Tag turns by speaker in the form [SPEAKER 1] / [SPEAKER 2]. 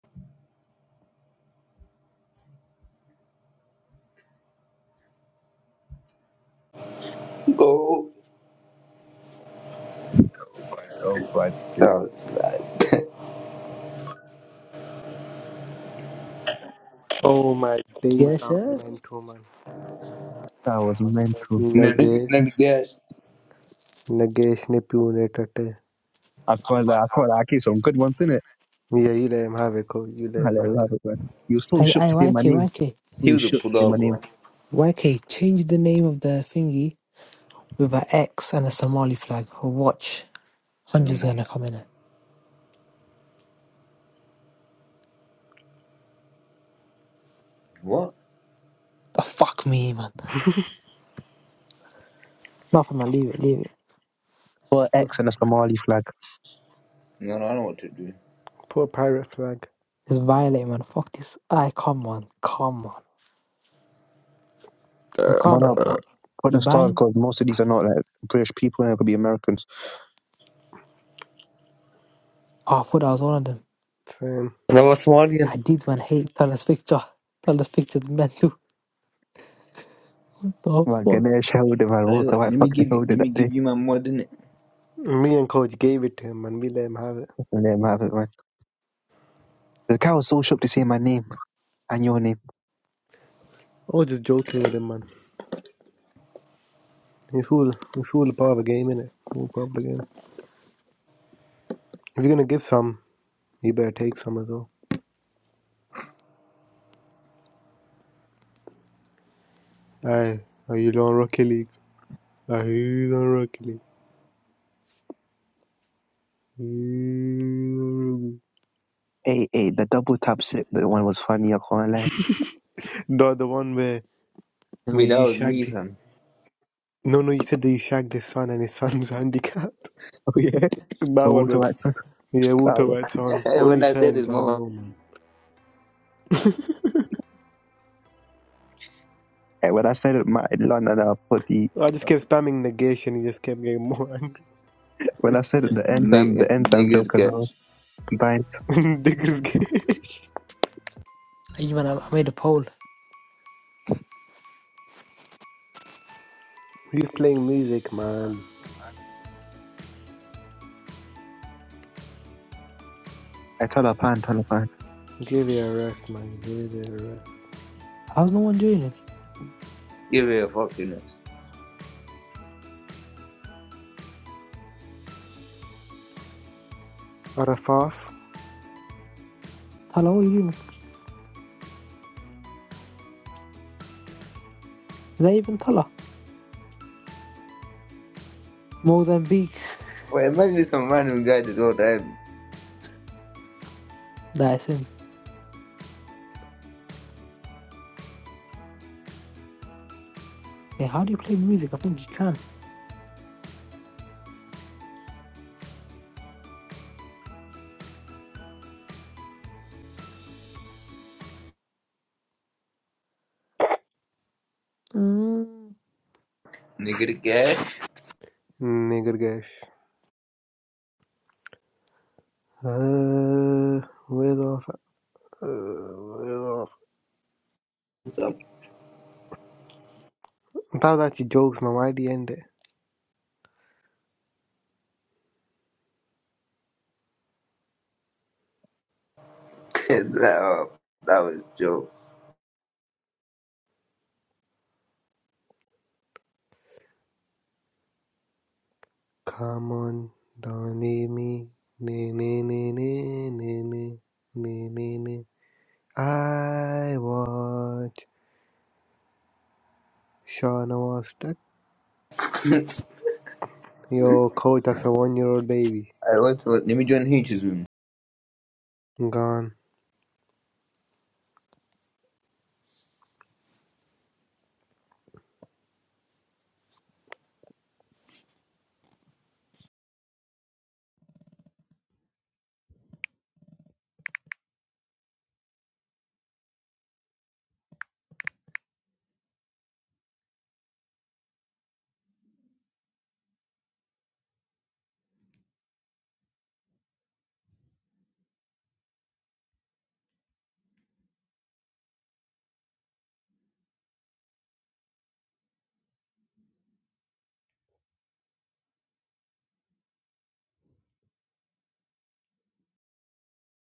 [SPEAKER 1] Oh,
[SPEAKER 2] Oh, oh, but it-
[SPEAKER 1] uh,
[SPEAKER 3] Oh my days,
[SPEAKER 4] Yes,
[SPEAKER 3] I'm
[SPEAKER 4] sir.
[SPEAKER 3] meant to man.
[SPEAKER 2] that was mental.
[SPEAKER 1] Nigga, nigga,
[SPEAKER 3] Nagesh,
[SPEAKER 1] that
[SPEAKER 3] Nagesh ne pune tate.
[SPEAKER 2] I can't, I can't, I gave some good ones in it.
[SPEAKER 3] Yeah, you let him have it, Cole. You let
[SPEAKER 2] I
[SPEAKER 3] him
[SPEAKER 2] let it
[SPEAKER 3] have
[SPEAKER 2] have it,
[SPEAKER 3] it.
[SPEAKER 2] man. You were so
[SPEAKER 4] I,
[SPEAKER 2] shook
[SPEAKER 4] I,
[SPEAKER 2] to hear
[SPEAKER 4] YK,
[SPEAKER 2] my name.
[SPEAKER 4] YK.
[SPEAKER 1] he
[SPEAKER 2] So
[SPEAKER 1] was a
[SPEAKER 2] shook to hear my
[SPEAKER 1] pull-up,
[SPEAKER 2] name.
[SPEAKER 1] bro.
[SPEAKER 4] YK, change the name of the thingy with an X and a Somali flag. Or watch,
[SPEAKER 1] Send
[SPEAKER 4] hundreds
[SPEAKER 1] him off.
[SPEAKER 4] gonna come in it.
[SPEAKER 1] What?
[SPEAKER 4] The fuck me, man. Nothing, man. Leave it, leave it.
[SPEAKER 2] Put an X and a Somali flag.
[SPEAKER 1] No, no, I don't want to do.
[SPEAKER 3] Poor pirate flag.
[SPEAKER 4] It's violent, man. Fuck this. I come on, come on. Yo,
[SPEAKER 2] No, no,
[SPEAKER 4] combo,
[SPEAKER 3] Uh,
[SPEAKER 2] put, put
[SPEAKER 4] you
[SPEAKER 2] a star
[SPEAKER 4] buying?
[SPEAKER 2] because most of these are not like British people and it could be Americans.
[SPEAKER 4] Oh, I thought I was one of them.
[SPEAKER 3] Same.
[SPEAKER 5] And there was Somali
[SPEAKER 4] I did, man. Hate Tala's picture. Tala's picture's mental. The
[SPEAKER 2] Man,
[SPEAKER 4] fuck?
[SPEAKER 2] Ganesh held it, man.
[SPEAKER 1] Hey,
[SPEAKER 2] Walter
[SPEAKER 1] let
[SPEAKER 2] White
[SPEAKER 1] me
[SPEAKER 2] fucking
[SPEAKER 1] give you,
[SPEAKER 2] held
[SPEAKER 1] let
[SPEAKER 2] it
[SPEAKER 1] me
[SPEAKER 2] that day.
[SPEAKER 1] give you my more than it.
[SPEAKER 3] Me and Coach gave it to him, man. We let him have it.
[SPEAKER 2] I let him have it, man. The guy was so shook to say my name and your name.
[SPEAKER 3] I was just joking with him, man. It's all, it's all part of the game, innit? All part of the game. If you're gonna give some, you better take some as well. Aye, are you on Rocket League? Are you on Rocket League? You don't Rocket League.
[SPEAKER 2] Hey, hey, the double tap sip, the one was funny, I can't lie.
[SPEAKER 3] Not the one where
[SPEAKER 1] I
[SPEAKER 3] where
[SPEAKER 1] mean, that
[SPEAKER 3] you
[SPEAKER 1] was me,
[SPEAKER 3] shagged.
[SPEAKER 1] fam.
[SPEAKER 3] No, no, you said that you shagged his son and his son was handicapped.
[SPEAKER 2] Oh, yeah. The
[SPEAKER 3] that one
[SPEAKER 2] Walter
[SPEAKER 3] was.
[SPEAKER 2] White song.
[SPEAKER 3] Yeah,
[SPEAKER 2] That
[SPEAKER 3] Wuto
[SPEAKER 2] was-
[SPEAKER 3] right son. Only
[SPEAKER 1] when I said
[SPEAKER 3] son,
[SPEAKER 1] this,
[SPEAKER 3] guys,
[SPEAKER 1] mama,
[SPEAKER 3] no man.
[SPEAKER 2] Hey, when I said it, my London, I put the
[SPEAKER 3] I just kept spamming the and he just kept getting more
[SPEAKER 2] When I said the enzyme, the
[SPEAKER 1] nigga,
[SPEAKER 2] enzyme
[SPEAKER 1] nigga the
[SPEAKER 2] joke as well.
[SPEAKER 1] cash.
[SPEAKER 2] He Binds.
[SPEAKER 3] angry. Digger's Gesh.
[SPEAKER 4] Hey, man, I, I made a poll.
[SPEAKER 3] He's playing music, man.
[SPEAKER 2] I tell her pan, tell her pan.
[SPEAKER 3] Give it a rest, man. Give it a rest.
[SPEAKER 4] How's no one joining?
[SPEAKER 1] Give me a fucking ass.
[SPEAKER 3] Arafaf?
[SPEAKER 4] Tala, what are you doing? Is that even Tala? Mozambique.
[SPEAKER 1] But imagine some random guy this whole time.
[SPEAKER 4] That's him. Yeah, how do you play music? I think you can. Hmm.
[SPEAKER 1] Nigga the cash.
[SPEAKER 3] Nigger Gesh. Uh, with off. Uh, with off.
[SPEAKER 1] What's up?
[SPEAKER 3] I thought that you jokes, man. Why'd you end it?
[SPEAKER 1] that, uh, that was joke.
[SPEAKER 3] Come on, don't leave me. Ne, ne, ne, ne, ne, ne. Ne, ne, ne. I watch Shauna was that. Yo, coach, that's a one year old baby.
[SPEAKER 1] I went to, let me join H's room.
[SPEAKER 3] Gone.